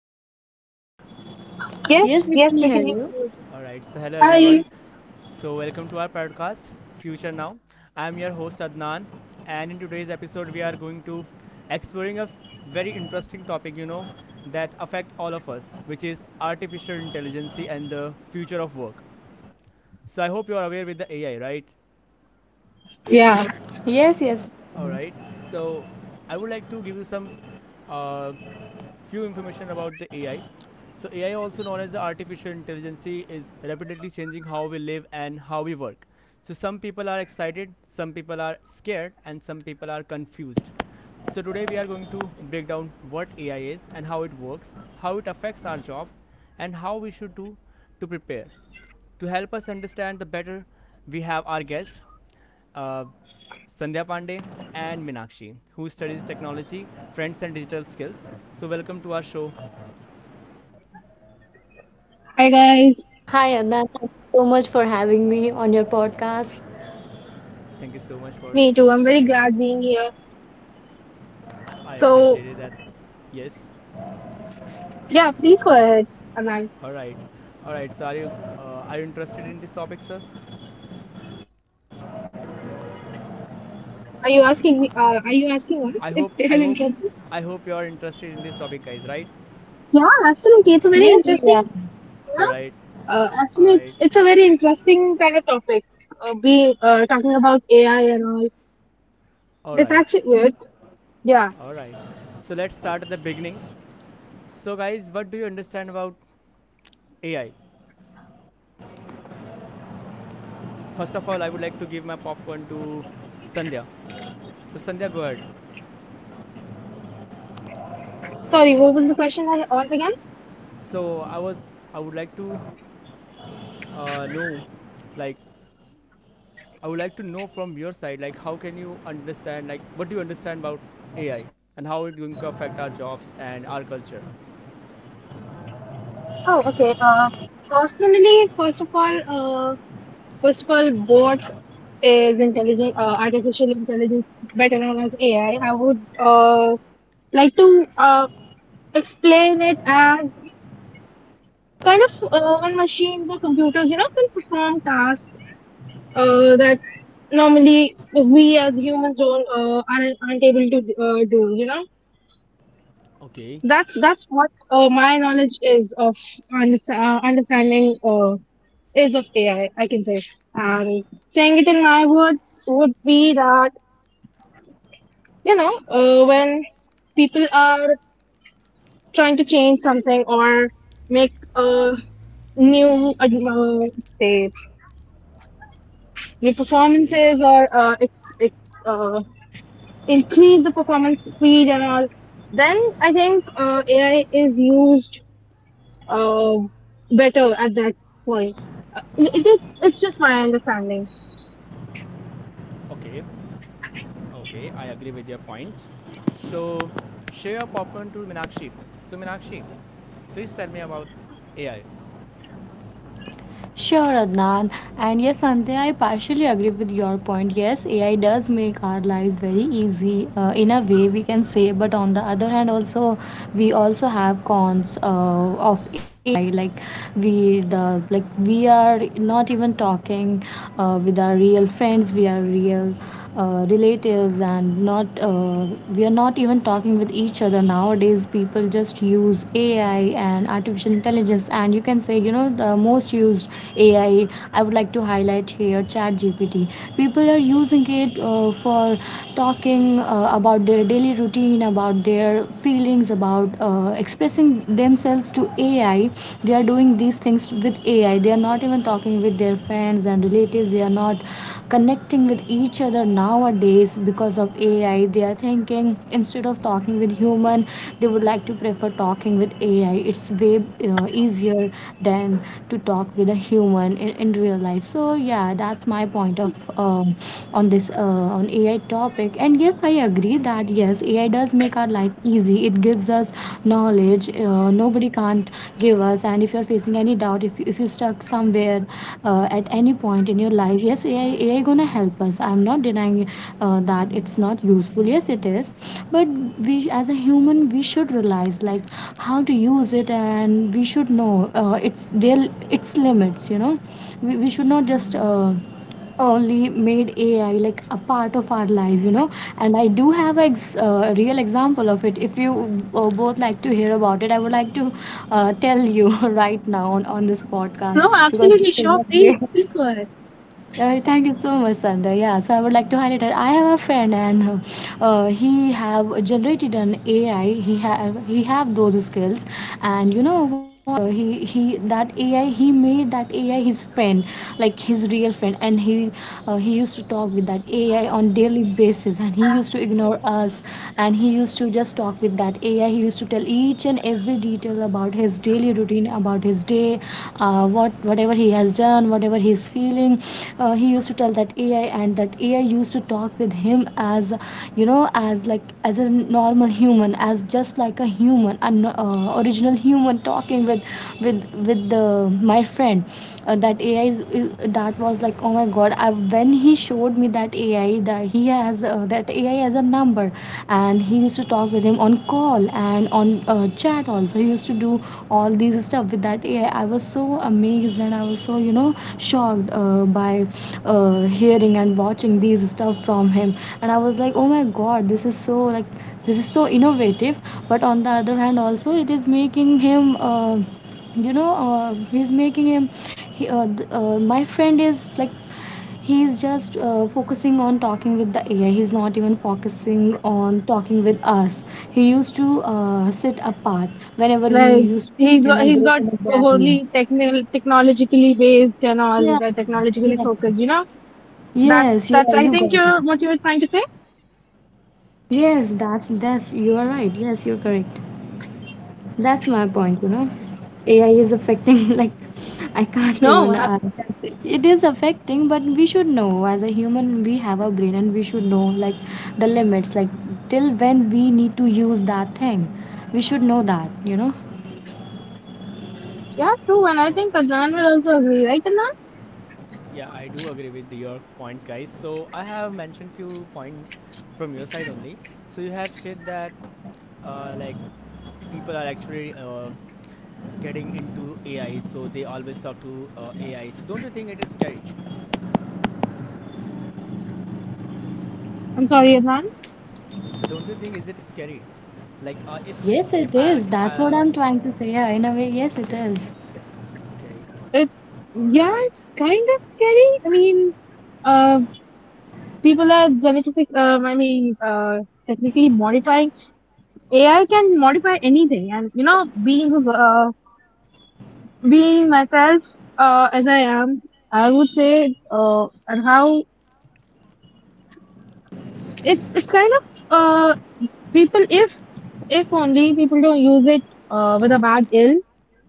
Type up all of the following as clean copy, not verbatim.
can you hear me? Yes, yes, we can hear Yes, we can you. hear All you. right, so hello Hi, everyone. So welcome to our podcast Future Now. I am your host Adnan, and in today's episode we are going to exploring a very interesting topic, that affect all of us, which is artificial intelligence and the future of work. So I hope you are aware with the AI, right? Yes, yes. All right. So I would like to give you some uh, few information about the AI. So AI, also known as the artificial intelligence, is rapidly changing how we live and how we work. So some people are excited, some people are scared, and some people are confused. So today we are going to break down what AI is and how it works, how it affects our job, and how we should do to prepare. To help us understand the better, we have our guests, uh, Sandhya Pandey and Minakshi, who studies technology, trends, and digital skills. So welcome to our show. hi guys. Hi, Adnan. Thank you so much for having me on your podcast. Thank you so much for. Me too. I'm very glad being here. I So appreciated that. Yes. yeah, please go ahead, Anand. All right. All right. So are you interested in this topic, sir? Are you asking Uh, me? Are you asking us I if hope. it is I hope. interesting? I hope you are interested in this topic, guys. Right? Yeah, absolutely. It's a very Yes, yeah. interesting. All right. Yeah. All Actually, it's right. it's a very interesting kind of topic. Being talking about AI and all. All It's right. actually it's Yeah. All right. So let's start at the beginning. So guys, what do you understand about AI? First of all, I would like to give my popcorn to Sandhya. So Sandhya, go ahead. Sorry, what was the question once again? So I would like to know, like I would like to know from your side, like how can you understand, like what do you understand about AI and how it's going to affect our jobs and our culture? Oh, okay. Personally, first of all, boredom. Is intelligent Artificial intelligence, better known as AI, I would like to explain it as kind of when machines or computers, can perform tasks that normally we as humans don't aren't able to do, you know. Okay, That's what my knowledge is of understanding, is of AI, I can say. And saying it in my words would be that, when people are trying to change something or make a new, uh, uh, say, new okay, performances or uh, increase the performance speed and all. Then I think AI is used uh, better at that point. It's just my understanding. okay, okay. I agree with your points. So, share your popcorn to Minakshi. So Minakshi, please tell me about AI. Sure, Adnan. And yes, Santya, I partially agree with your point. Yes, AI does make our lives very easy in a way we can say, but on the other hand, also we also have cons of AI. Like we the like we are not even talking with our real friends. We are real relatives, and not we are not even talking with each other nowadays. People just use AI and artificial intelligence, and you can say, the most used AI, I would like to highlight here, Chat GPT. People are Okay. using it for talking about their daily routine, about their feelings, about expressing themselves to AI. They are doing these things with AI. They are not even talking with their friends and relatives. They are not connecting with each other nowadays because of AI. They are thinking, instead of talking with human, they would like to prefer talking with AI. It's way Oh, easier than to talk with a human in real life. So yeah, that's my point of um on AI topic. And yes, I agree that yes, AI does make our life easy. It gives us knowledge nobody can't give us. And if you're facing any doubt, if you're stuck somewhere at any point in your life, yes, AI gonna mm hmm, help us. I'm not denying mm that hmm. it's not useful. Yes, it is, but we as a human we should realize, like, how to use it, and we should know uh, its their its limits. You know, we should not just. Only made AI like a part of our life. And I do have a real example of it. If you both like to hear about it, I would like to tell you right now on this No, podcast because absolutely this is sure. a great. Please, please go ahead. Thank you so much, Sandhya. Yeah, so I would like to highlight that I have a friend, and he have generated an AI. He have those skills, and you know what? He that AI, he made that AI his friend, like his real friend, and he used to talk with that AI on daily basis, and he used to ignore Oh, us, and he used to just talk with that AI. He used to tell each and every detail about his oh. daily routine, about his day, whatever he has done, whatever he's feeling. He used to tell that AI, and that AI used to talk with him as as like as a normal human, as just like a human, an original human talking with the my friend. That AI is that was like, oh my god! When he showed me that that AI that he has, that AI has a number and he used to talk with him on call and on chat also, he used to do all these stuff with that AI. I was so amazed and I was so shocked by hearing and watching these stuff from him, and I was like, oh my god, this is so like this is so innovative. But on the other hand also it is making him he's making him he, uh, my friend is like, he's just focusing on talking with the AI. He's not even focusing on talking with us. He used to sit apart whenever we Like, used to he's sit in got a he's group got in a gathering. wholly technical technologically based, and all Yeah, the technologically yeah. focused. You know, that Yes, you that's are, I you got think, it. you're what you were trying to say. Yes, that's you are right. Yes, you're correct. That's my point, you All know. right, AI is affecting, like, I can't No, even. It is affecting, but we should know, as a human, we have a brain and we should know, like, the limits, like, till when we need to use that thing. We should know that. yeah, true. And I all think right. Adnan will also agree, right, Adnan? Yeah, I do agree with your points, guys. So I have mentioned few points from your side only. So you have said that like people are actually getting into AI, so they always talk to AI. So don't you think it is scary? I'm sorry, Adnan. So don't you think is it scary? Like Yes, if it I is. if That's what I I'm trying to say. if Yeah, in a way, yes, it Okay, is. okay, It all Yeah, right, kind of scary. I mean, uh, people are genetic. I mean, technically modifying AI can modify anything. And you know, being myself as I am, I would say, and how it's kind of people, if only people don't use it with a bad ill.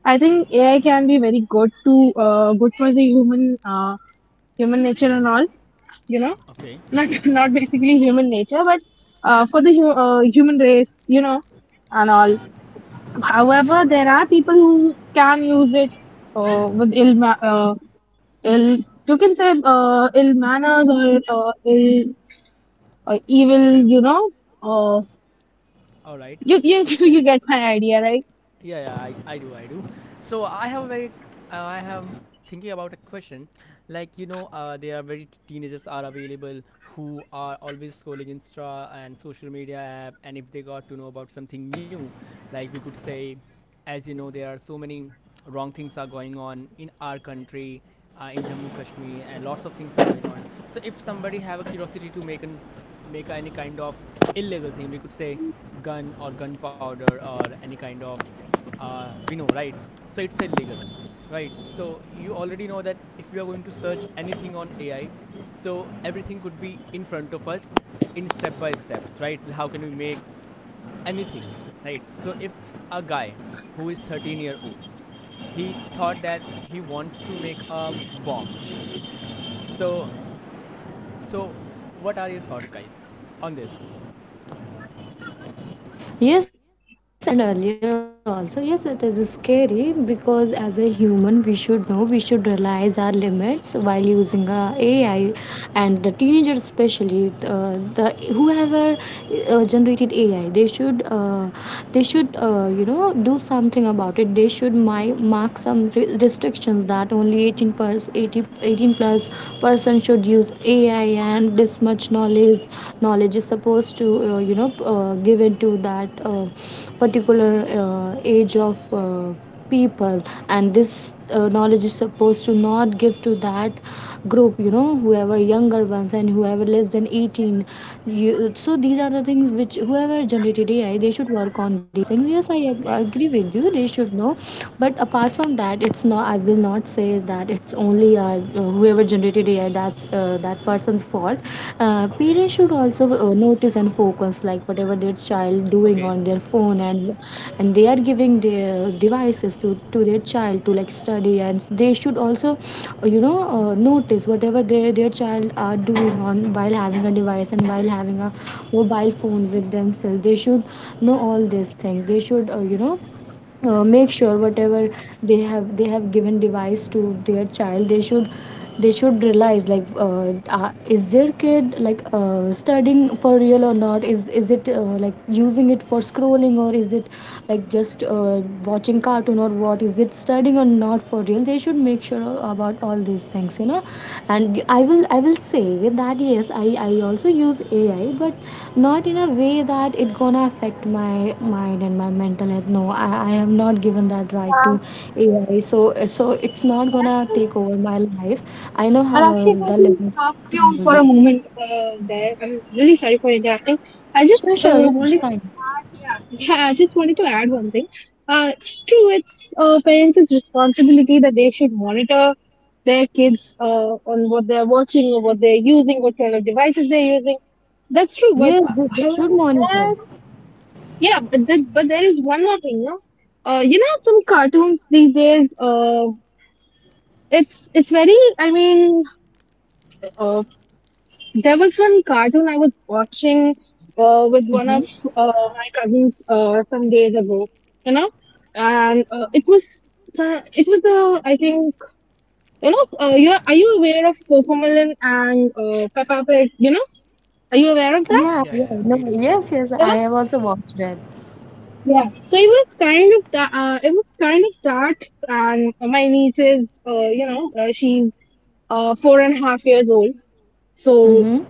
I think AI can be very good for the human nature and all. You know, okay, not not basically human nature, but for the human race. You know, and all. all However, right, there are people who can use it with ill ma- ill you can say ill manners, or ill, or evil, okay. you know, uh, All right. you Okay. you get my idea, right? Yeah, yeah, I do, I do. So I have a very, I have thinking about a question. Like there are very teenagers are available who are always scrolling Insta and social media app, and if they got to know about something new, like we could say, as you know, there are so many wrong things are going on in our country, in Jammu Kashmir, and lots of things are going on. So if somebody have a curiosity to make any kind of illegal thing, we could say gun or gunpowder or any kind of, we know, right? So it's illegal, right? So you already know that if we are going to search anything on AI, so everything could be in front of us in step by steps, right? How can we make anything, right? So if a guy who is 13-year old, he thought that he wants to make a bomb. So so what are your thoughts, guys, on this? Yes, as I mentioned earlier, also, yes, it is scary because as a human, we should know, we should realize our limits while using AI. And the teenagers, especially, the whoever generated AI, they should do something about it. They should my mark some restrictions that only 18 plus 80, 18 plus person should use AI, and this much knowledge his knowledge is supposed to give into that particular age of people, and this knowledge is supposed to not give to that group, whoever younger ones and whoever less than 18. So these are the things which whoever generated AI they should work on. These things, yes, I agree with Okay. you, they should know. But apart from that, it's not, I will not say Mm-hmm. that it's only whoever generated AI, that's that person's fault. Parents should also Okay. Notice and focus, like whatever their child doing on Okay. their phone, and they are giving their devices to their child to like study. And they should also notice whatever their child are doing on while having a device and while Okay. having a mobile phone with themselves. They should know all these things. They should make sure Okay. whatever they have given device to their child. They should realize, like, is their kid, like, studying for real or not, is it, like, using it for scrolling, or is it like just watching cartoon, or what is it, studying or not, for real? They should make sure about all these things. And I will say that yes, I also use AI, but not in a way that it gonna affect my mind and my mental health. No, I have not given that right to Um, AI. So it's not but gonna take actually, over my life. I know how will actually the want to limits stop to you use for it. a moment there. I'm really sorry for interrupting. I Sure, just sure, yeah, it's wanted, fine. yeah, yeah, I just wanted to add one thing. Uh, True, it's parents' responsibility that they should monitor their kids on what they're watching or what they're using, what kind of devices they're using. That's true, but Yes, they however, should monitor. yeah, but there is one more thing, no? You know, some cartoons these days, it's very, I mean, uh, there was one cartoon I was watching with one of Mm-hmm. My cousins some days ago, you know. And it was I think, you know, you aware of Cocomelon and Peppa Pig? You know, are you aware There? of Yeah, Yeah, yeah, yeah, yeah, we no, do, we yes, do. yes, I that? have also watched that. Yeah, so it was kind of that. It was kind of dark, and my niece is, you know, she's four and a half years old. So, Mm-hmm.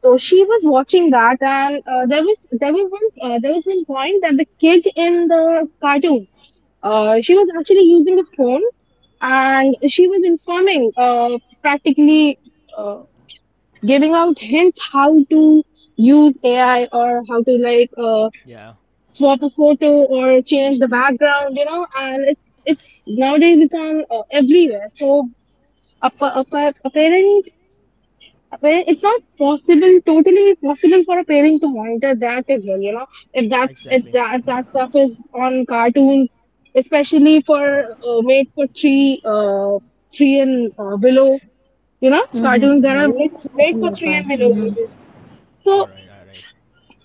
so, she was watching that, and there was one point that the kid in the cartoon, she was actually using a phone, and she was informing, practically, uh, giving out hints how to use AI, or how to, like, Yeah, swap a photo or change the background, you know. And it's nowadays, it's on everywhere. So a, pa- a, pa- a parent a parent, it's not possible totally possible for a parent to monitor that as well, you know, if that's if exactly. that, if that stuff is on cartoons, especially for made for three and below, you know, Mm-hmm. cartoons that Yeah, are yes, made, I made understand for your 3 and point. below Mm-hmm. ages. All So right, all right.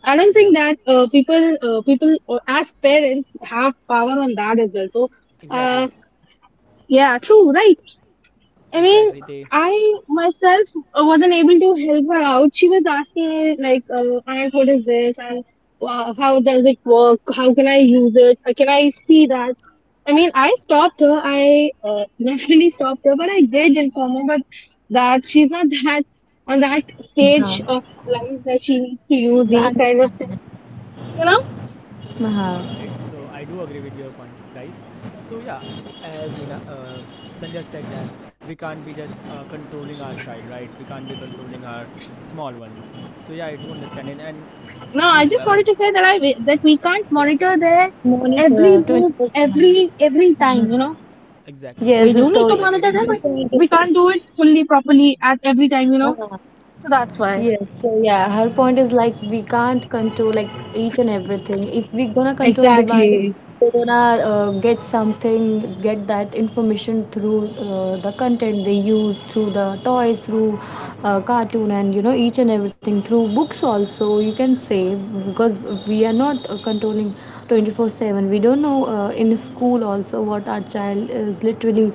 I don't Yeah, think that people as parents have power on that as well. So, exactly, uh, yeah, true, right? I mean, exactly. They. I myself wasn't able to help her out. She was asking me like, "Aunt, what is this? And how does it work? How can I use it? Can I see that?" I mean, I stopped her. I definitely stopped her, but I did inform her. But that she's not that, on that stage Uh-huh. of life that she needs to use these I kind of understand things. that. You know. All Uh-huh. right. So I do agree with your points, guys. So yeah, as Sandhya said that we can't be just controlling our child, right? We can't be controlling our small ones. So yeah, I do understand it, and No, I just wanted whoever. to say that we can't Yeah. monitor their every Monitor move, 24/7. every Mhm. time. You Hmm. know, Exactly. we Yes, do need so to Exactly. It monitor is them, good Vijay. but point is we that. can't do it fully properly at every time. You know, Uh-huh. so that's why. Yes, Exactly. so yeah, her point is like we can't control, like, each and everything. If we gonna control device, Exactly. we're gonna get something, get that information through the content they use, through the toys, through cartoon, and each and everything through books also. You can say, because we are not controlling 24/7. We don't know in school also what our child is literally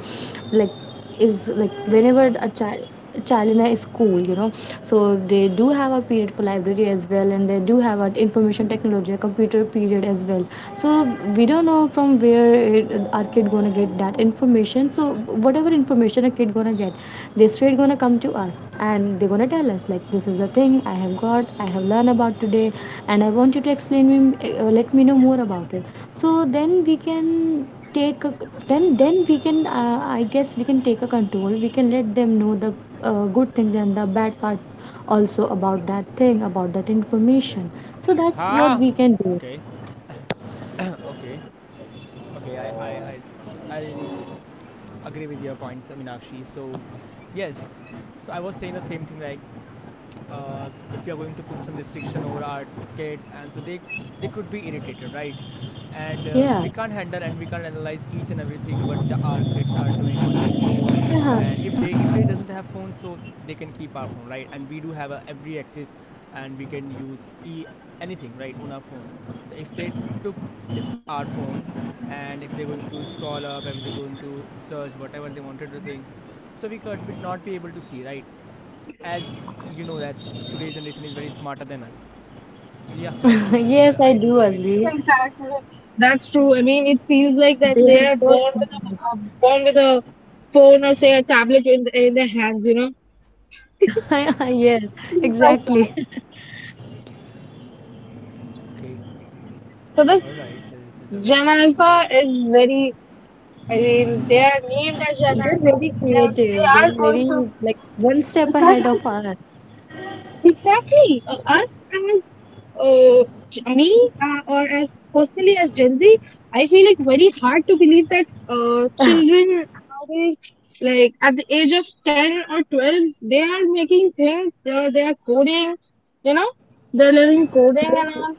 like, is like Doing whenever a. a child in a school, so they do have a period for library as well, and they do have an information technology, a computer period as well. So we don't know from where our kid gonna get that information. So whatever information a kid gonna get, they straight gonna come to us and they're gonna tell us like, this is the thing I have got, I have learned about today, and I want you to explain me, let me know more about it. So then we can take a, then we can I guess we can take a control. We can let them know the good things and the bad part also about that thing, about that Okay. information. So that's what Ha! we can do. Okay. Okay. Okay. I really agree with your points, Meenakshi. So, yes. So I was saying the same thing like if you're going to put some restriction over our kids, and so they could be irritated, right? And we Yeah. can't handle and we can't analyze each and everything what the our kids are doing on their phone. Yeah. And if they doesn't have phone, so they can keep our phone, right? And we do have every access, and we can use e anything right on our phone. So if they took the our phone, and if they're going to scroll up, if they're going to search whatever they wanted to think, so we could not be able to see, right? As you know that today's generation is very smarter than us. So yeah, I do Yes, I I do do agree with your agree. points. Exactly. That's true. I mean, it feels like that They are they are born so smart. with a phone, or say a tablet in their hands. You know. Yes, Feels like exactly. that. Okay, So the all right. So this is the very Gen Alpha yeah. is very. I mean, they are named as Gen They're Alpha. very They creative. are, They're they are going very, like, one step ahead of to. us. Exactly. Us as uh, g- me or as, personally, as Gen Z, I feel it very hard to believe that children nowadays, like at the age of 10 or 12, they are making things, they are coding, you know, they're learning coding and Yes, all.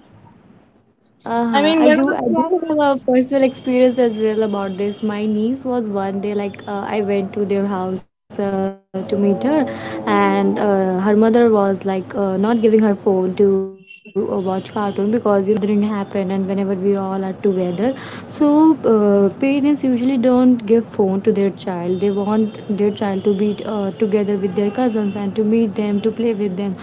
I uh-huh. mean, I when do was I the last. do have a personal experience as well about this. My niece was one day like, I went to their house to meet her, and her mother was like, not giving her phone to watch cartoon, because whenever gathering happen and whenever we all are together, so parents usually don't give phone to their child. They want their child to be together with their cousins and to meet them to play with them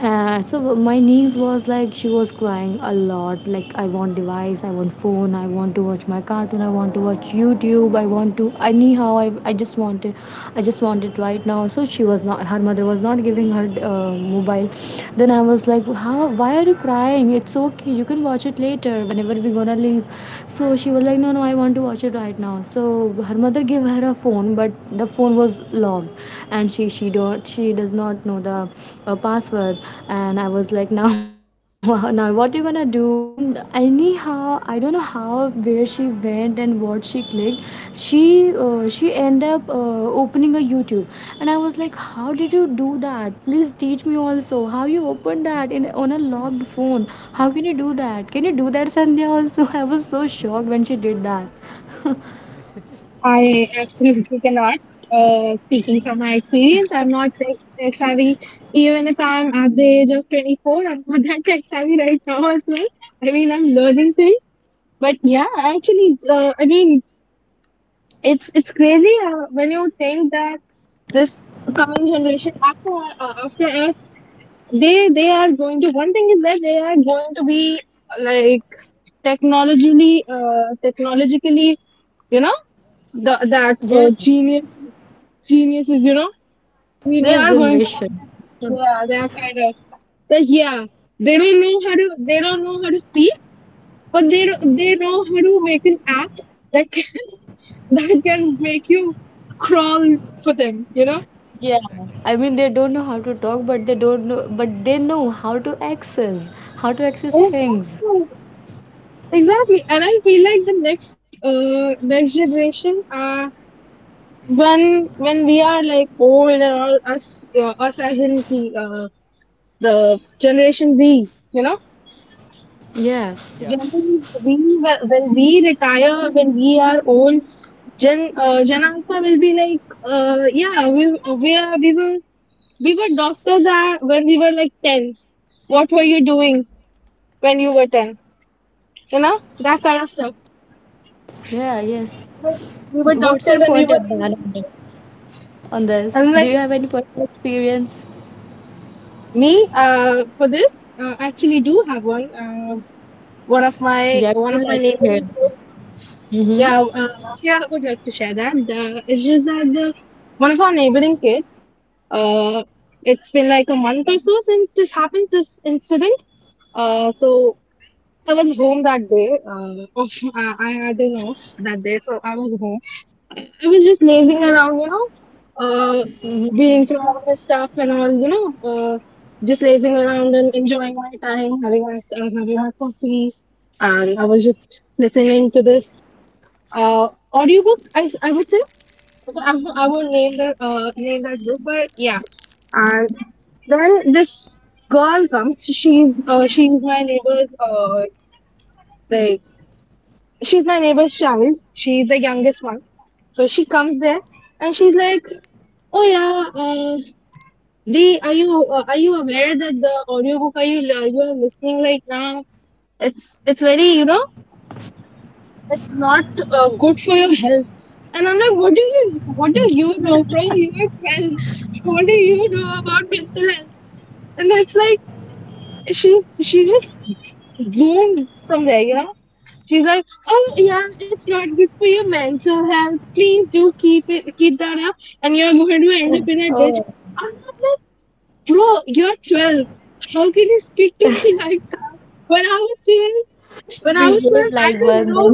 uh, so my niece was like she was crying a lot like I want device, I want phone, I want to watch my cartoon, I want to watch YouTube, I want to anyhow, I just want it, I just want it right now. So she was not, her mother was not giving her mobile. Then I was like, how, why are you crying? It's okay, you can watch it later whenever we're gonna leave. So she was like, no no, I want to watch it right now. So her mother gave her a phone, but the phone was logged and she don't, she does not know the password. And I was like, now now what you gonna do? Then anyhow I don't know how, where she went and what she clicked. She she end up opening a YouTube. And I was like, how did you do that? Please teach me also how you open that in, on a logged phone. How can you do that? Can you do that, Sandhya, also? I was so shocked when she did that. Okay. I absolutely cannot. Speaking from my experience, I'm not tech savvy. Even if I'm at the age of 24, I'm not that tech savvy right now as well. I mean, I'm learning things. But yeah, actually, I mean, it's crazy when you think that this coming generation after us, they are going to. One thing is that they are going to be like technologically, you know, the, that Yeah, genius geniuses, you know, they genius are going to, generation. yeah, they are kind of, that, yeah, they don't know how to speak, but they, don't- they know how to make an app that can, that can make you crawl for them, you know? Yeah, Exactly. I mean they don't know how to talk, but they don't know, but they know how to Hmm. access things. Exactly. Exactly. And I feel Exactly. like the next generation, when we are like old and all, us as in uh, the generation Z, you know? Yeah, Yeah. Generally, we when we retire, when we are old, Gen Alpha will be like, yeah, we are we were we were doctors when we were like 10. What were you doing when you were 10? You know, that kind of stuff. yeah, yes. We were we were What's your doctors, and we point, were. Adnan, on this? On this, And do like you have any personal experience? me, for this, I actually do have one. Yeah, One we of would my like to hear. neighbors. Mm-hmm. Yeah, yeah, I would like to share that. It's just that one of our neighboring kids, uh, it's been like a month or so since this happened, this incident. So I was home that day. I had an off that day, so I was home. I was just lazing around, you know, uh, Mm-hmm. being through office stuff and all, you know, just lazing around and enjoying my time, having my coffee. And I was just listening to this uh audiobook, I would say. I won't name the name that book, but yeah. And then this girl comes. She's my neighbor's, like, she's my neighbor's child. She's the youngest one. So she comes there, and she's like, "Oh yeah, Dee, are you aware that the audiobook you are listening right now, it's very, you know, it's not good for your health." And I'm like, what do you know, bro? You are 12. What do you know about mental health? And that's like, she's just zoomed from there, you know. She's like, "Oh yeah, it's not good for your mental health. Please do keep it, keep that up, and you're Oh, going to end oh, up in a ditch." I'm like, bro, you're 12. How can you speak to me like that? When I was 12, behave when I like was 12, one I then. didn't know.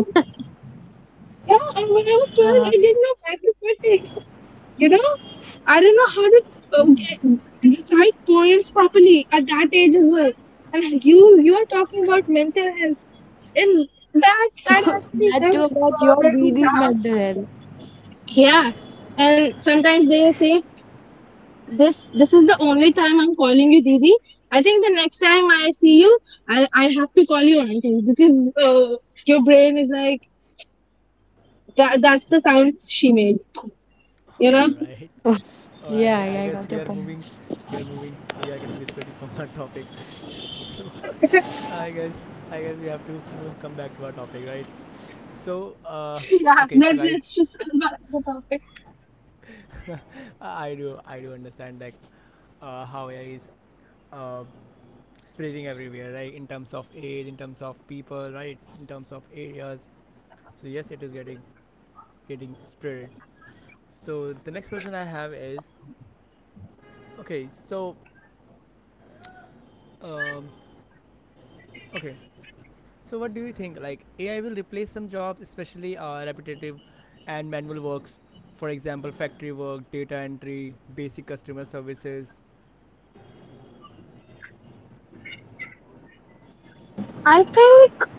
Yeah, and when I Uh-huh. was 12, I didn't know mathematics. You know, I didn't know how to recite poems properly at that age as well. And you are talking about mental health, That and too about your that BD's actually does mental bring me back. Yeah, and sometimes they say this. This is the only time I'm calling you, Didi. I think the next time I see you, I have to call you auntie because your brain is like that. That's the sound she made. health. You know All Yeah, right. yeah, I got your point. All right. I guess we are moving. We are moving. We are getting distracted from our topic. So I guess we have to c- move come back to our topic, right? So Yeah, okay. let, So guys, let's just come back to the topic. I do understand that. How AI is uh, spreading everywhere, right? In terms of age, in terms of people, right? In terms of areas. So yes, it is getting spread. So the next question I have is okay. So um, okay. So what do you think? Like AI will replace some jobs, especially repetitive and manual works. For example, factory work, data entry, basic customer services. I think, uh,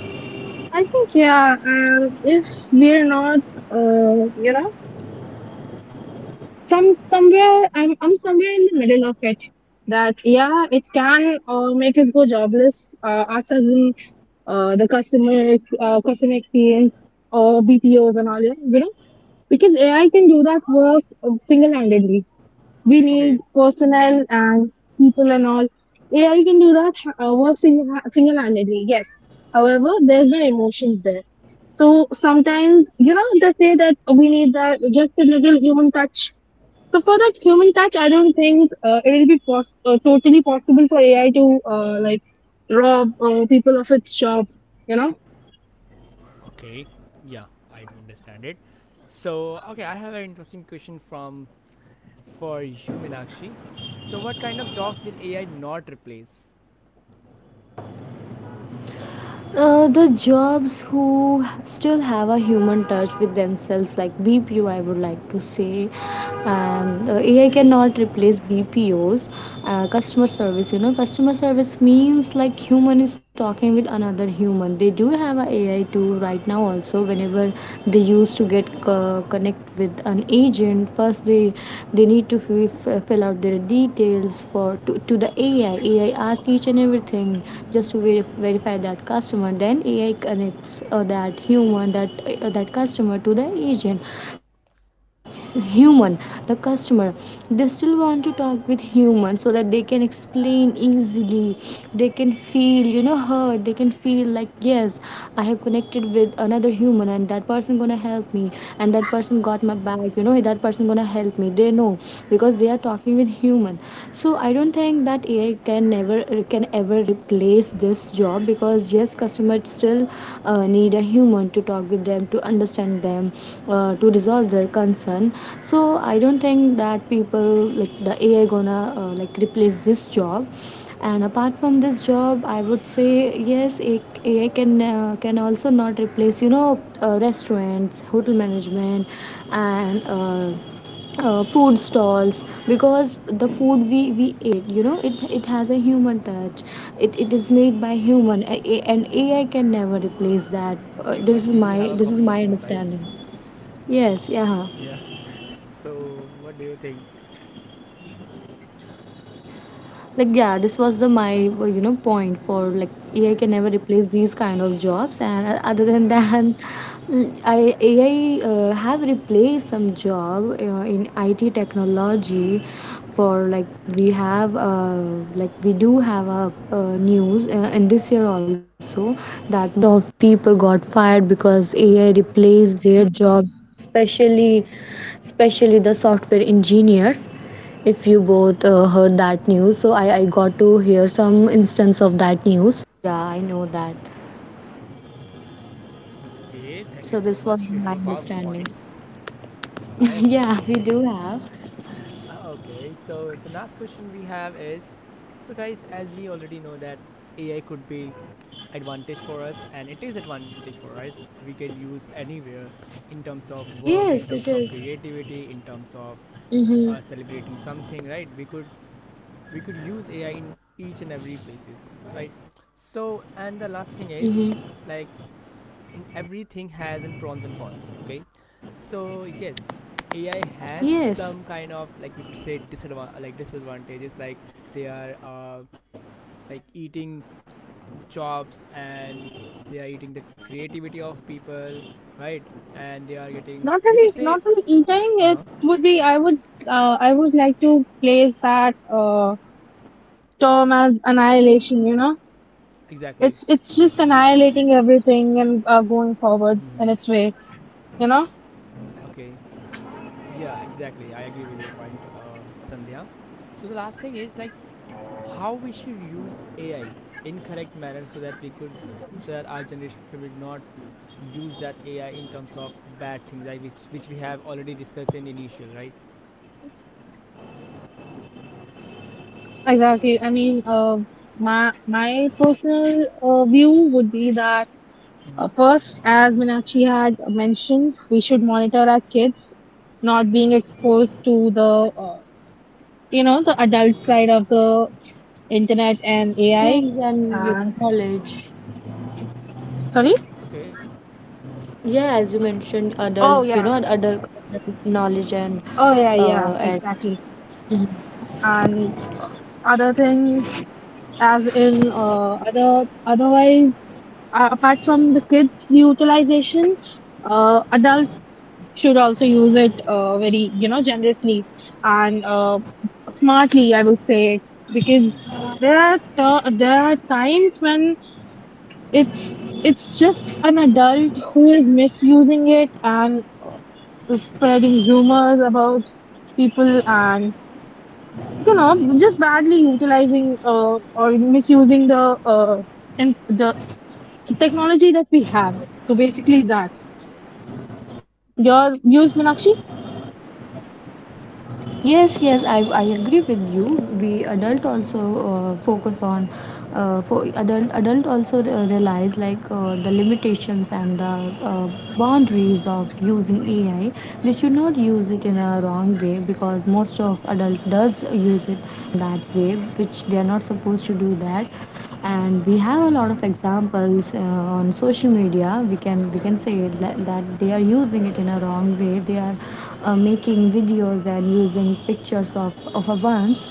I think, yeah, if we're not, you know, some somewhere, I'm somewhere in the middle of it. That yeah, it can make us go jobless, us as in the customer experience or BPOs and all, you know, because AI can do that work single handedly we Okay. need personnel and people and all. AI can do that work single handedly, yes. However, there's no emotions there. So sometimes, you know, they say that we need that just a little human touch. So for that human touch, I don't think it will be totally possible for AI to like rob people of its job. You know, Okay. Yeah, I do understand it. So okay, I have an interesting question from for you, Meenakshi. So, what kind of jobs will AI not replace? The jobs who still have a human touch with themselves, like BPO, I would like to say, and AI Okay. cannot replace BPOs. Customer service, you know, customer service means like human is talking with another human. They do have a AI tool right now also, whenever they used to get connect with an agent, first they need to fill out their details for to the AI. AI asks each and everything just to verify that customer, then AI connects that human, that that customer to the agent. So human, the customer, they still want to talk with human so that they can explain easily, they can feel, you know, heard. They can feel like yes, I have connected with another human and that person gonna help me, and that person got my back, you know, that person gonna help me, they know, because they are talking, communicating with human. So I don't Mm-hmm. think that AI can never, can ever replace this job, because yes, customers still need a human to talk with them, to understand them, to resolve their concern. So I don't think that people, like the AI gonna like replace this job. And apart from this job, I would say yes, AI can also not replace, you know, restaurants, hotel management, and Mm-hmm. Food stalls, because the Okay. food we ate, you know, it has a human touch. It is Okay. made by human. And AI can never replace that. Okay. But we This is do have a my, coffee this is my machines, right? understanding. Yes, yeah. Yeah. So, what do you think? Like yeah, this was the my, you know, point for like AI Okay. can never replace these kind of jobs. And Okay. other than that, I, AI have replaced some job in IT technology, Okay. for like we have like we do have a news in this year also. Okay. Thank you So so this was much. You have my a powerful understanding. points. I Yeah, we appreciate. do have. Okay. So the last question we have is, so guys, as we already know that AI could be advantage for us, and it is advantage for us. We can use anywhere in terms of work, in Yes, it terms of is. creativity, in terms of Mm-hmm. Celebrating something, right? We could use ai in each and every places, right? So, and the last thing Mm-hmm. is, like, in everything has in pros and cons, okay, so yes, Yes, AI has some kind of like we could say disadvantage like disadvantages, like they are like eating jobs, and they are eating the creativity of people, right? And they are getting, not we could really, say. not really eating. Uh-huh. It would be. I would. I would like to place that. Term as annihilation, you know? Exactly. It's just annihilating everything and going forward Hmm. in its way, you know? Okay. Yeah, exactly, I agree with your point, Sandhya. So the last thing is, like, how we should use AI in correct manner, so that we could, so that our generation will not use that AI in terms of bad things, right? Which we have already discussed in initial, right? Exactly. I mean, my personal view would be that Mm-hmm. First, as Minakshi had mentioned, we should monitor our kids not being exposed to the you know the adult side of the internet and AI. things and your And knowledge. sorry. Okay. Yeah, as you mentioned, Oh adult, you know, yeah. adult knowledge Oh yeah. Yeah. And Exactly. Mhm. And other thing Uh-huh. as in other otherwise apart from the kids utilization adults should also use it very you know generously and smartly I would say because Hmm. There are times when it's it's just an adult who is misusing it and spreading rumors about people and you know just badly utilizing or misusing the in the technology that we have so basically that your Uh-huh. views Minakshi Yes, yes, I agree with you. We adult also focus on for adult also realize like the limitations and the uh, boundaries of using AI. They should not use it in a wrong way, because most of adult does use it in that way, which they are not supposed to do that. And we have a lot of examples on social media, we can say that, that they are using it in a wrong way. They are making videos and using pictures of a ones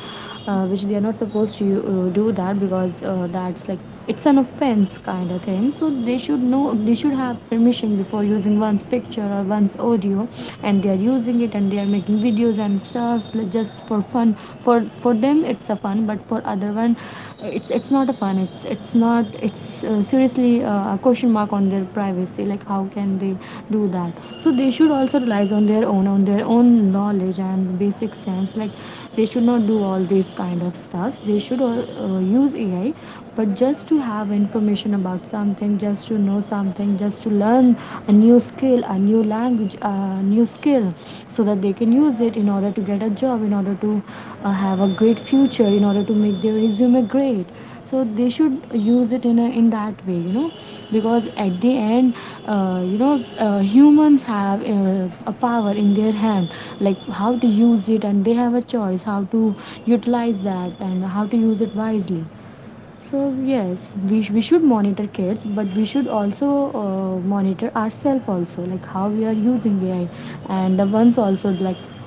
which they are not supposed to do that, because that's like it's an offense kind of thing. So they should know, they should have permission before using one's picture or one's audio, and they are using it and they are making videos and stars like just for fun. for for them it's a fun, but for other one, it's not a fun, it's not, it's seriously a question mark on their privacy, like how can they do that. So they should also rely on their own, on their own knowledge and basic sense, like they should not do all these kind of stuff. They should use AI, but just to have information about something, just to know something, just to learn a new skill, a new language, a new skill, so that they can use it in order to get a job, in order to have a great future, in order to make their resume great. So they should use it in in that way, you know, because at the end, you know, humans have a power in their hand, like how to use it, and they have a choice how to utilize that and how to use it wisely. So yes, we should monitor kids, but we should also monitor ourselves also, like how we are using AI, Hmm. and the ones also, like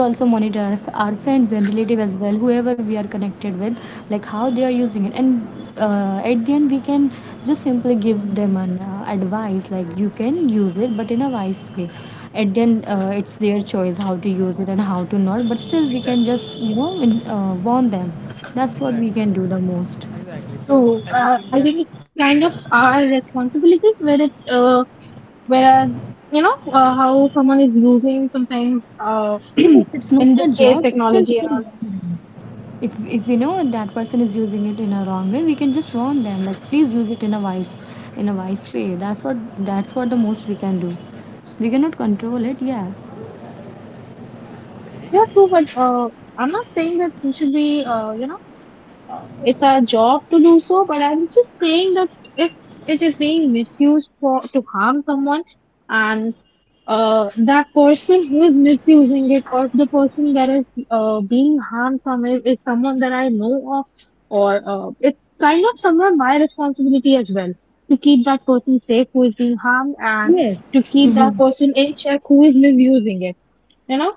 we should also monitor our friends and relative as well, whoever we are connected with, like how they are using it, and at the end we can just simply give them an advice like you can use it, but in a wise way. At the end, it's their choice how to use it and how to not, but still we Exactly. can just, you know, warn them. That's what Exactly. we can do the most. Exactly. So so everything we I have, think it's kind of yeah. our responsibility where it whereas you know how someone is using sometimes uh, Yes, it's in not this a case job, it's technology still and all within boundaries. If we know that person is using it in a wrong way, we can just warn them like please use it in a wise, in a wise way. That's what, that's what the most we can do. We cannot control it, yeah. Okay. yeah true but I'm not saying that we should be you know it's our job to do so, but I'm just saying that if it is being misused for to harm someone and that person who is misusing it or the person that is being harmed from it is someone that I know of or it's kind of somewhat my responsibility as well to keep that person safe who is being harmed and to Yes. keep that Mm-hmm. person in check who is misusing it. You know,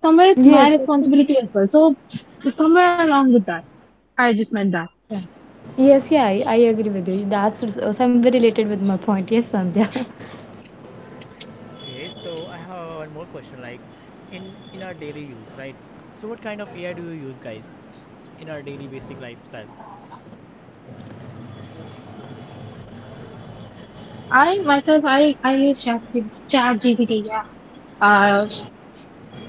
somewhere it's my Yes. That's what. responsibility as well. So somewhere along with that, I just meant that. Yeah. Yes, yeah, I agree with you. Somewhere related with my point. Yes, Sandhya. Okay. So I have one more question. Like, in our daily use, right? So what kind of AI do you use, guys, in our daily basic lifestyle? I myself, I use Chat GPT, yeah. Uh,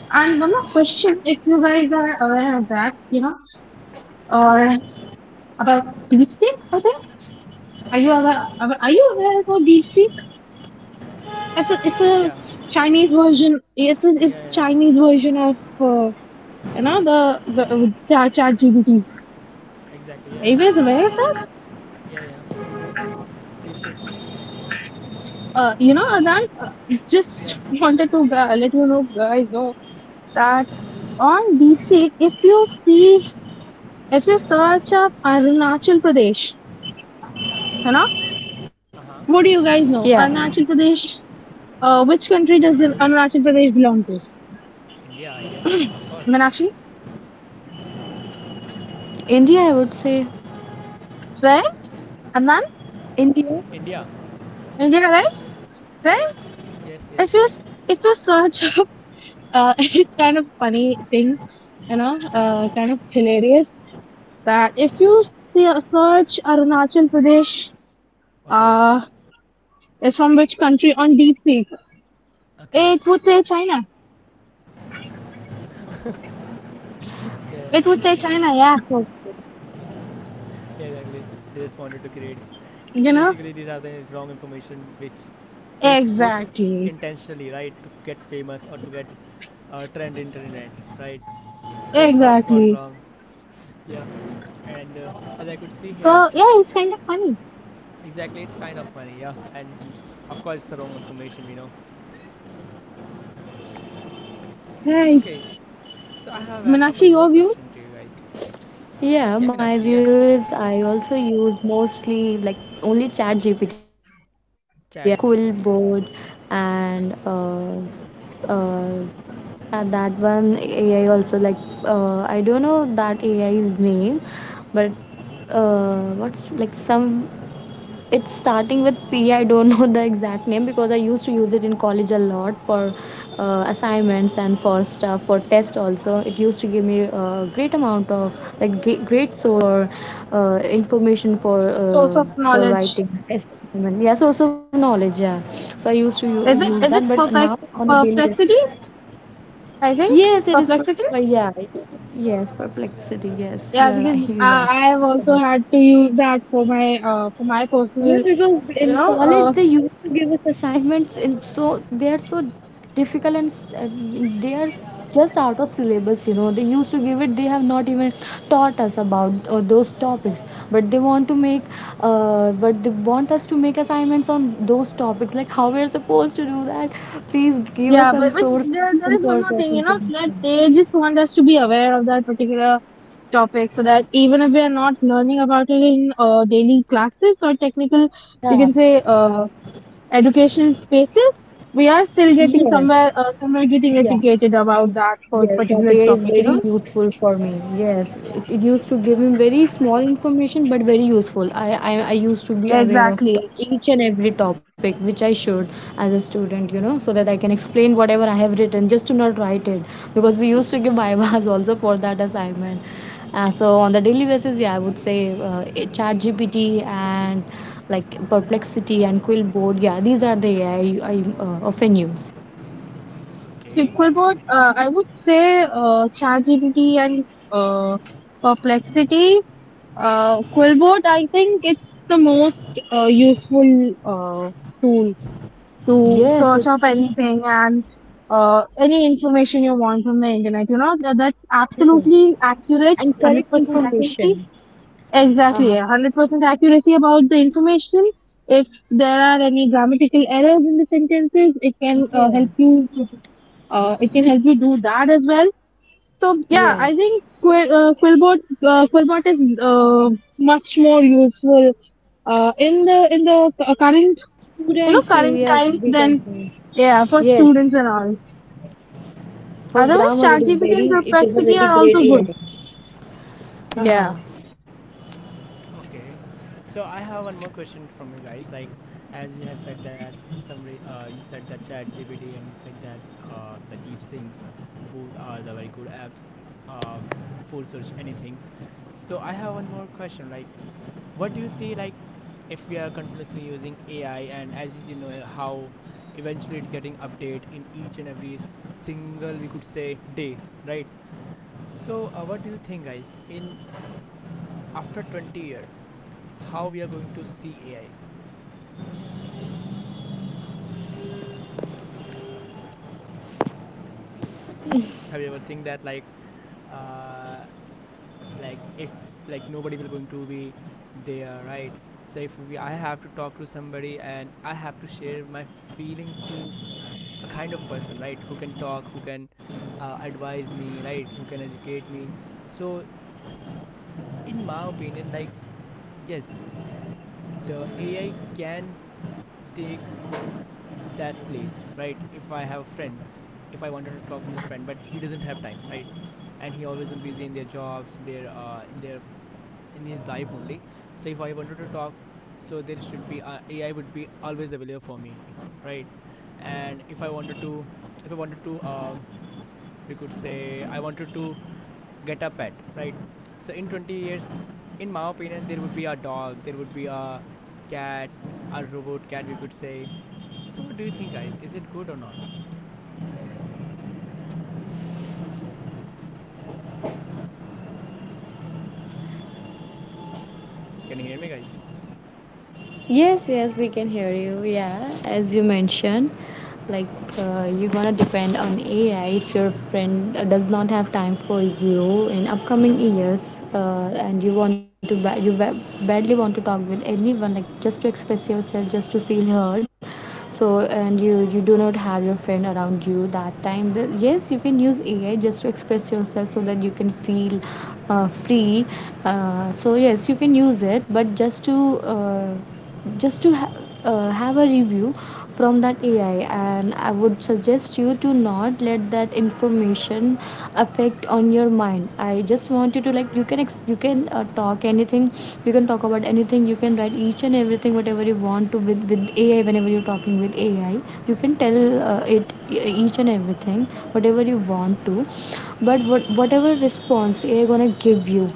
and one more question, if you guys are aware of that, you know, or about DeepSeek, I think. Are you Um, aware? Are you aware about DeepSeek? It's a it's DeepSeek. Yeah. a Chinese version. It's Yeah. a it's Yeah. a Yeah. Chinese version of you know the Chat GPT. Exactly. Yeah. Are you Yeah. guys aware of that? Yeah. Yeah. We do DeepSeek. You know, Adan, Yeah. just wanted to let you know, guys, know that on DeepSeek, if you see if you search up Arunachal Pradesh, Yeah. you know, Uh huh. what do you guys know? Yeah. Arunachal Pradesh, which country does the Arunachal Pradesh belong to? India, I guess. Of course. Meenakshi, India, I would say. right? Anand, India. India. India, right? Yeah. Right? Yes. Yes. If you if you search up, it's kind of funny thing, you know, kind of hilarious that if you see, search Arunachal Pradesh, Okay. uh, is from which country on DeepSeek? Okay. It would say China. Yeah, yeah, It yeah, would say China, yeah. yeah, exactly. They just wanted to create. You know, Basically, these are the wrong information which they put exactly. intentionally, right, to get famous or to get trend internet, right? So it's of course Exactly. wrong, yeah. And as I could see here, So yeah, it's kind of funny. exactly, it's kind of funny, yeah. And of course it's the wrong information, we know. Hey, Okay, so I have one Meenakshi, more your views? question to you guys. Yeah, Yeah, Meenakshi, my yeah. view is I also use mostly like only Chat GPT. I would school chat board gpt and uh, that one AI also, like I don't know that AI's name, but what's like some, it's starting with P. I don't know the exact name, because I used to use it in college a lot for assignments and for stuff, for tests also. It used to give me a great amount of like great source for information, Source of for knowledge. writing test assignment. Yeah, source of knowledge, yeah. So I used to Is use it that, is it but now perfect on a daily basis. perplexity? I think Yes, it is perplexity. yeah. Yes, perplexity. Yes, Yeah, you're Perplexity. because right. Okay. Yes. I have also had to use that for my personal Yeah, because you in know college they used to give us assignments, and so they are so difficult, and they are just out of syllabus. You know, they used to give it. They have not even taught us about those topics, but they want to make, but they want us to make assignments on those topics. Like how we are supposed to do that? Please give yeah. us But, but there there is some one more source thing of you know that information. they just want us to be aware of that particular topic so that even if we are not learning about it in daily classes or technical you Yeah. can say education spaces, we are still getting Yes. somewhere, somewhere getting Yeah. educated about that for Yes, that particular AI is topic, you very know? useful for me. Yes, it used to give me very small information but very useful. I used to be aware of Exactly. each and every topic which I should as a student, you know, so that I can explain whatever I have written, just to not write it, because we used to give bypass also for that assignment. So on the daily basis, yeah, I would say ChatGPT and like Perplexity and Quillboard, yeah, these are the AI I often use. Okay. QuickBooks, I would say ChatGPT and uh, Perplexity. Quillbot, I think it's the most useful tool to Yes, search it, up anything and any information you want from the internet. You know, so that's yes. absolutely accurate, And correct 100% accuracy. information. Exactly, a Uh-huh. 100% accuracy about the information. If there are any grammatical errors in the sentences, it can help you. Yes, It can help you do that as well. So yeah, I yes. think Quillbot is much more useful in the current you know Students current area, times we than can say. yeah for Yes, students and all. for Otherwise, grammar it is ChatGPT and very, it is a Perplexity are very also great good. AI. Yeah. Uh-huh. Okay, so I have one more question from you guys. Like, as you have said that somebody, you said that ChatGPT, and you said that the DeepSeeks, both are the very good apps uh, for search anything. So I have one more question. Like, what do you see? Like, if we are continuously using AI, and as you know how eventually it's getting update in each and every single we could say day, right? So what do you think, guys? In after 20-year how we are going to see AI. Have you ever think that uh, like if like nobody will going to be there, right? So if we, I have to talk to somebody and I have to share my feelings to a kind of person, right? Who can talk, who can advise me, right? Who can educate me. So in my opinion, like yes, the AI can take that place, right? If I have a friend, if I wanted to talk with a friend but he doesn't have time, right? And he always been busy in their jobs, in their in their in his life only. So if I wanted to talk, so there should be AI would be always available for me, right? And if I wanted to, if I wanted to we could say I wanted to get a pet, right? So in 20 years, in my opinion, there would be a dog, there would be a cat, a robot cat, we could say. So what do you think, guys? Is it good or not? Can you hear me, guys? Yes, yes, we can hear you. Yeah, as you mentioned, like you gonna depend on AI if your friend does not have time for you in upcoming Mm-hmm. years, and you want to you badly want to talk with anyone, like just to express yourself, just to feel heard. So, and you do not have your friend around you that time. The, yes, you can use AI just to express yourself so that you can feel free. So yes, you can use it, but just to uh, just to ha- have a review from that AI, and I would suggest you to not let that information affect on your mind. I just want you to, like, you can you can talk anything, you can talk about anything, you can write each and everything whatever you want to with AI. Whenever you're talking with AI, you can tell it each and everything whatever you want to, but whatever response AI gonna give you,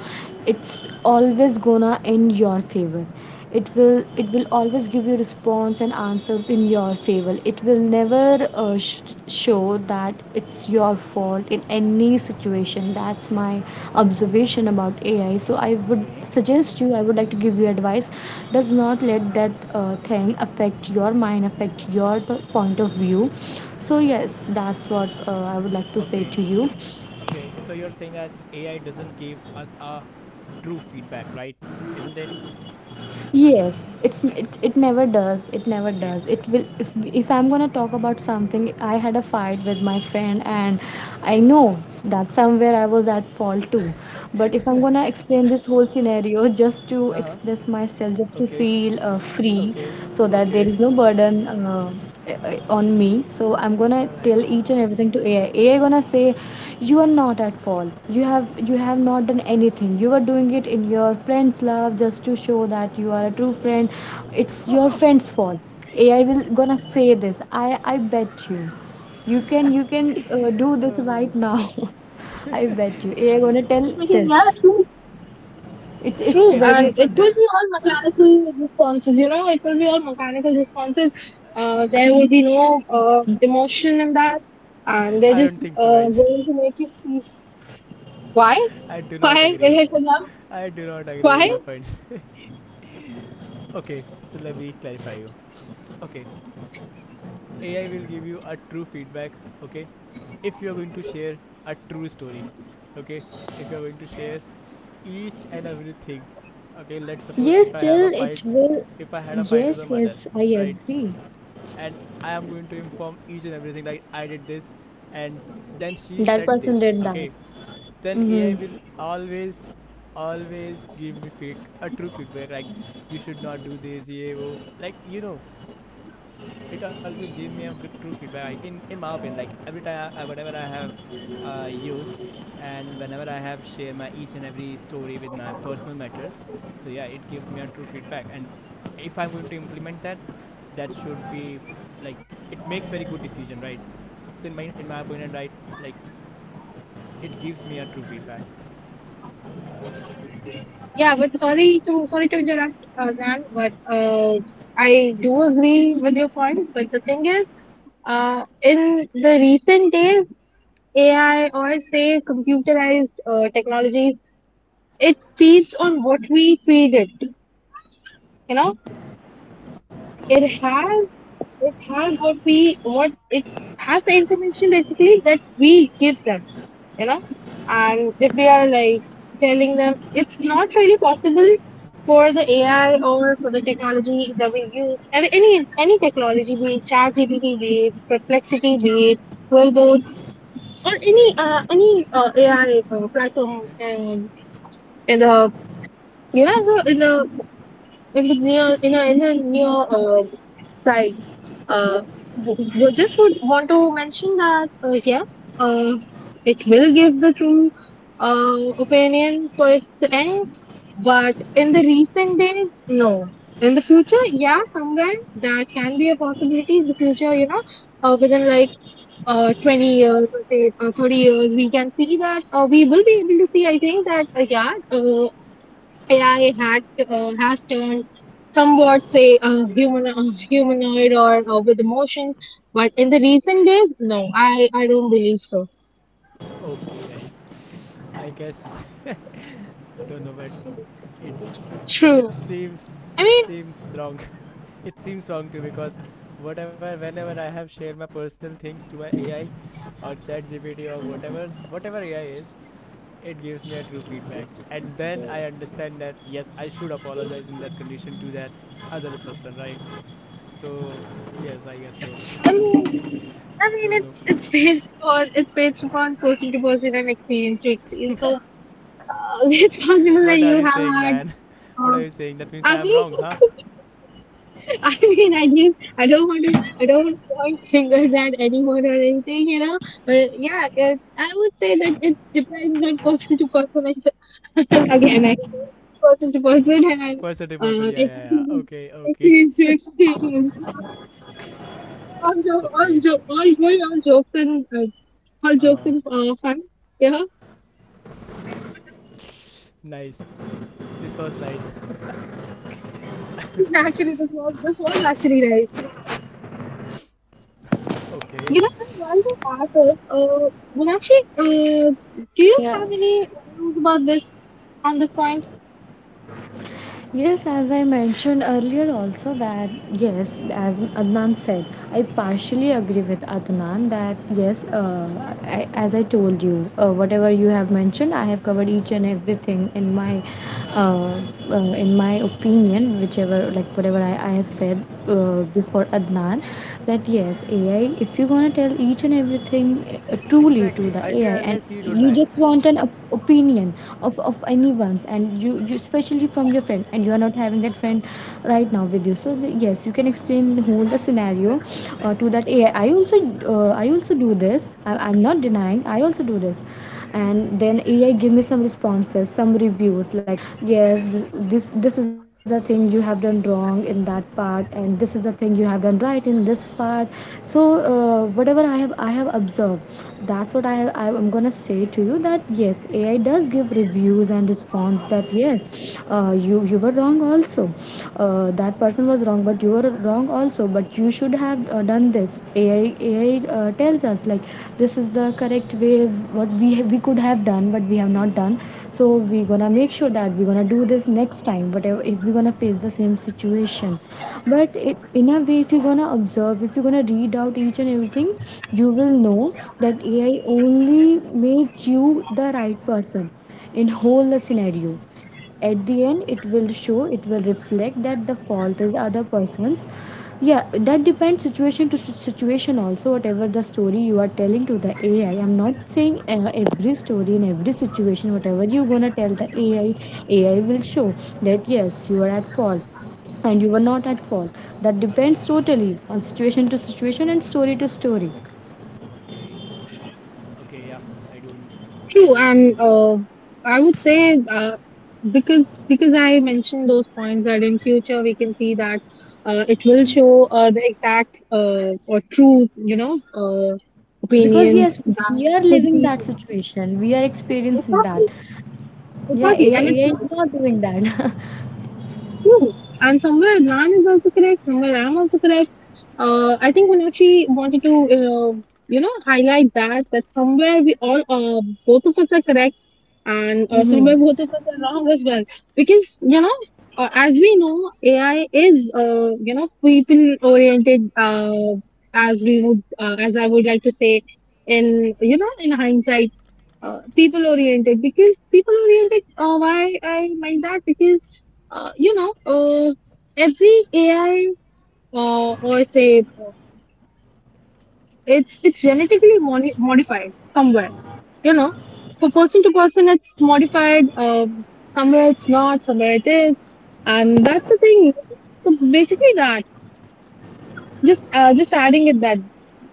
it's always gonna in your favor. It will always give you response and answers in your favor. It will never show that it's your fault in any situation. That's my observation about AI. So I would Okay, suggest you, I would like to give you advice, does not let that thing affect your mind, affect your point of view. So yes, that's what I would like to say okay. to you. Okay, so you're saying that AI doesn't give us a true feedback, right? Isn't it? Yes, it never does. It never Okay. does. It will, if I'm going to talk about something, I had a fight with my friend and Okay. I know that somewhere I was at fault too. But if I'm gonna explain this whole scenario just to Uh-huh. express myself, just to Okay. feel free, Okay. so that there Okay. is no burden on me, so I'm All gonna right. tell each and everything to AI. AI gonna say, you are not at fault. You have not done anything. You are doing it in your friend's love just to show that you are a true friend. It's your friend's fault. AI will gonna say this. I bet you. You can do this Oh. right now. I bet you AI gonna Nice. tell Because, yeah. this. It, it's True, Is it very and true, it true. will Sandhya? be all mechanical responses. You know, it will be all mechanical responses. There will be no emotion in that, I and they're don't think so, just guys. Going to make you see why, I do not why is agree. it enough, I do not agree with why? your points. Okay, so let me clarify you. Okay, AI will give you a true feedback, okay? If you are going to share a true story, okay? If you are going to share each and everything, okay? Let's suppose Yes, if I have a still fight, it will. if I had a fight with a Yes, mother, yes, I right? agree. And I am going to inform each and everything, like I did this, and then she That said person this, did that. okay? Then AI Mm-hmm. will always, always give me feed, a true feedback like you should not do this, yeah, wo. Like, you know, it always gave me a good true feedback. I, in my opinion, like every time I, whatever I have used, and whenever I have shared my each and every story with my personal matters, so yeah, it gives me a true feedback. And if I'm going to implement that, that should be like it makes very good decision, right? So in my opinion, right, like it gives me a true feedback. Yeah, but sorry to interrupt, Dan, but I do agree with your point. But the thing is, in the recent days, AI or say computerized technologies, it feeds on what we feed it. You know it Okay. has it has what we what it has the information basically that we give them you know and if we are like telling them it's not really possible for the AI or for the technology that we use and any technology be it chat gpt be it perplexity be it robot or any AI platform Okay. and in the you know the, in the it was near in a near side. Uh, just would want to mention that yeah, uh, it will give the true opinion towards the end, but in the recent days, no. In the future, yeah, somewhere that can be a possibility. In the future, you know, within like 20 years or say, 30 years, we can see that we will be able to see. I think that yeah, AI had has turned somewhat say human humanoid or with emotions, but in the recent days, no, I don't believe so. Okay, guys. I guess don't know, but it's, it True. seems, I it mean, seems wrong. It seems wrong to me because whatever, whenever I have shared my personal things to my AI or Chat GPT or whatever AI is, it gives me a true feedback, and then I understand that yes, I should apologize in that condition to that other person, right? So yes, I guess so. I mean, I Don't mean, know. it's based upon it's based upon person to person and experience to experience. So it's possible that What are you you have saying, had. man? What Uh, are you saying? That means I am Abhi? wrong, huh? I mean, I just, I don't want to, I don't want to point fingers at anyone or anything, you know. But yeah, it, I would say that it depends on person to person. And again, I person to person and Person to person. Yeah, yeah, yeah. experience, Okay, okay, experience to experience. So, all, okay. All going on jokes and all Uh jokes huh. and fun. Yeah, Nice. This was nice. actually, this was actually nice. Okay. You know, I want to ask, Meenakshi, do you have Yeah, any news about this? On this point yes, as I mentioned earlier, also, that yes, as Adnan said, I partially agree with Adnan that yes, I, as I told you, whatever you have mentioned, I have covered each and everything Uh. uh, in Mm-hmm. my opinion, whichever, like whatever I have said before Okay. Adnan that yes, AI, if you're gonna tell each and everything truly to Exactly. the AI, Ultra and unless you don't you lie. just want an opinion of anyone's, and you especially from your friend, and you are not having that friend right now with you, so yes, you can explain the whole the scenario to that AI. I also I also do this. I'm not denying, I also do this. And then AI give me some responses, some reviews like, yes, this is the thing you have done wrong in that part, and this is the thing you have done right in this part. So whatever I have observed, that's what I am gonna say to you, that yes, AI does give reviews and response Okay. that yes, you were wrong also, that person was wrong, but you were wrong also, but you should have done this. AI tells us like this is the correct way, what we we could have done but we have not Hmm. done. So we're Hmm. gonna make sure that we're gonna do this next time whatever, if we're gonna Yes. face the same situation. But it, Yes. in a way, if you're gonna observe, if you're gonna read out each and everything, you will know that AI only makes you the right person in whole the scenario. At the Hmm. end, it will show, it will reflect that the fault is other person's. Yeah, that depends situation to situation also, whatever the story you are telling to the AI. I'm not saying every story in every situation whatever you gonna tell the AI, AI will show that yes, you are at fault and you Hmm. were not at fault. That Agree. depends totally on situation to situation and story to story. Okay. Okay. Yeah. I don't. I true do agree and with your points. I would say because I mentioned those points that in future we can see that it will show the exact or true you know Because yes, opinions that we are should living be that situation, we are experiencing that. exactly Yeah, exactly and it's AI not is not doing that. true and somewhere nan is also correct somewhere I'm also correct. I think Meenakshi wanted to, you know, highlight that that somewhere we all, both of us are correct, and Mm-hmm. somewhere both of us are wrong as well. Because you know, as we know, AI is, you know, people oriented, as we would, as I would like to say, in you know, in hindsight, people oriented. Because people oriented. Why I mind that? Because, you know, every AI. Or say it's genetically modified somewhere. You know, for person to person, it's modified. Somewhere it's not, somewhere it is, and that's the thing. So basically, that just adding it that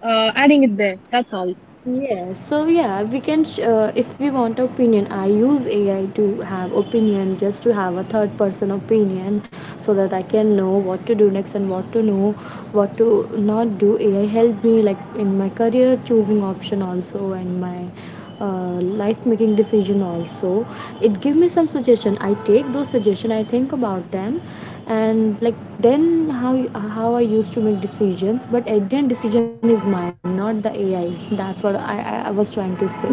adding it there. That's all. Yes. So yeah, we can. If we want opinion, I use AI to have opinion, just to have a third person opinion, so that I can know what to do next and what to know, what to not do. AI helped me like in my career choosing option also, and my uh, life making decision also. It give me some suggestion. I take those suggestion. I think about them Okay. and like, then All right, guys. Can you how I hear me? used to make decisions. But at the end, decision is Uh mine, huh. not the AI's. That's what I was trying to say,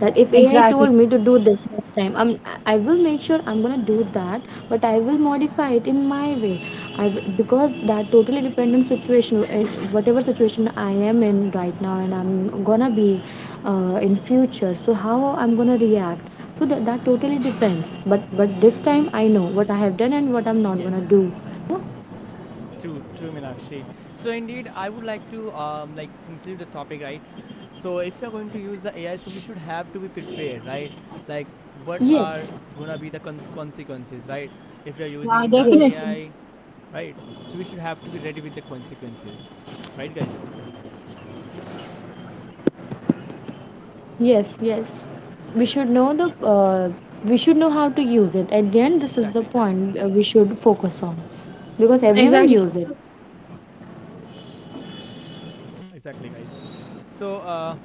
that if AI Exactly. told me to do this next time, I will make sure I'm gonna do that, but I will modify it in my way. Because that totally dependent situation, whatever situation I am in right now, and I'm gonna be in future. How I'm gonna react? So that, that totally Exactly. depends. But this Yeah. time I know what I have done and what I'm not gonna do. Yes. You know? True, true, Minakshi. So indeed, I would like to like conclude the topic, right? So if you're going to use the AI, so we should have to be prepared, right? Like what are Yes. gonna be the consequences, right? If you're Yeah, using the Yes. definitely. AI, right? So we should have to be ready with the consequences, right, guys? Yes, yes. We Okay, should know the we should know how to use it. At the end, this is the exactly, point we should focus on, because exactly. everyone Exactly. use it. Exactly, guys. So uh,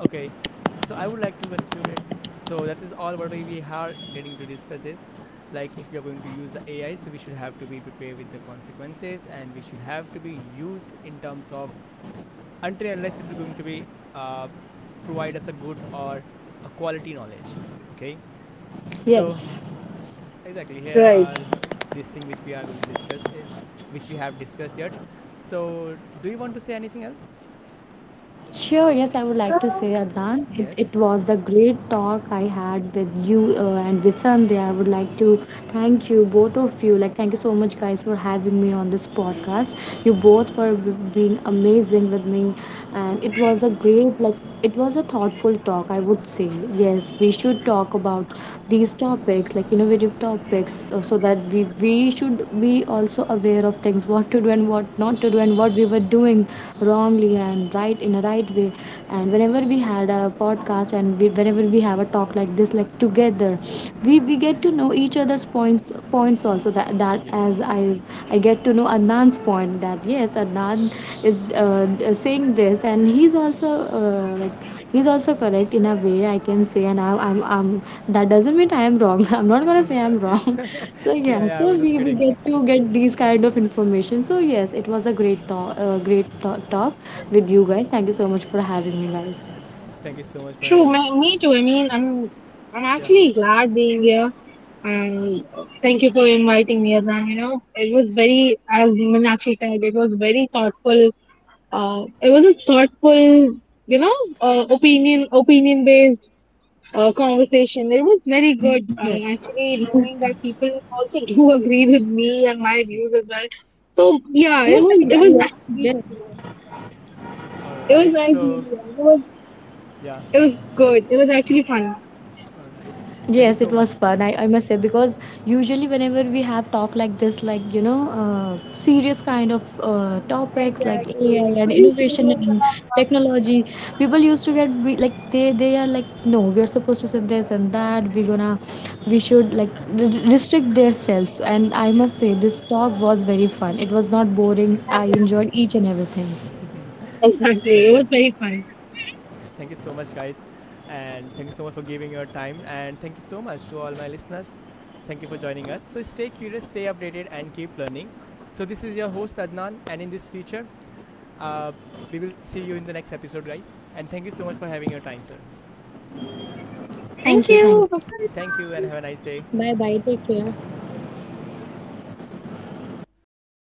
okay, so I would like to conclude it. So that is all what we are getting to discuss is, like, if we are going to use the AI, so we should have to be prepared with the consequences, and we should have to be used in terms of, until and unless it is going to be uh provide us a good or a quality knowledge, okay? Yes. So exactly here Right. are this thing which we are going to discuss is, which we have discussed yet. So do you want to say anything else? Sure, yes, I would like to say, Um, Adnan, Yes. it was the great talk I had with you and with Okay. Sandhya. I would like to thank you, both of you. Like, thank you so much, guys, for having me on this podcast. You both for being amazing with me, and it was a great, like, it was a thoughtful talk, I would say. Yes, we should talk about these topics, like innovative topics, so that we should be also aware of things, what to do and what not to do, and what we were doing wrongly and right in a right way. And whenever we had a podcast, whenever we have a talk like this, like together, we get to know each other's points also. That that Yes. as I get to know Adnan's point, that yes, Adnan is saying this, and he's also uh, like he's also correct in a way, I can say. And I'm that doesn't mean I am wrong. I'm not gonna say I'm wrong. Yeah, So yeah, yeah, I so was just we kidding. get to get these kind of information. So yes, it was a great talk, talk with you guys. Thank you so much for having me, guys. Thank you so much for true. having. Me too. I mean, I'm Yeah. actually glad being here. And thank you for inviting me, Adnan. You know, it was very, as Minakshi said, it was very thoughtful it was a thoughtful, you know, opinion based conversation. It was very good Yes. actually, knowing that people also do agree with me and my views as well. So Yes, yeah, it was I it was nice being yes. here. All It right. was nice So, being here. It was yeah. it was good. It was actually fun. All right. Yes, it Thank you was so much. fun. I must say, because usually whenever we have talk like this, like, you know, serious kind of topics like AI Exactly. and Very innovation similar. To and my- technology, people used to get like they are like, no, we are supposed to say this and that. We should like r- restrict themselves. And I must say Yes. this talk was very fun. It was not boring. Hmm. I enjoyed each and everything. Thank Exactly. It you. was very fun. Thank you so much, guys. And thank you so much for giving your time. And thank you so much to all my listeners. Thank you for joining us. So, stay curious, stay updated, and keep learning. So, this is your host, Adnan. And in this future, uh, we will see you in the next episode, guys. And thank you so much for having your time, sir. Thank Thank you, thank you. you. Thank you and Bye-bye. have a nice day. Bye bye. Take care.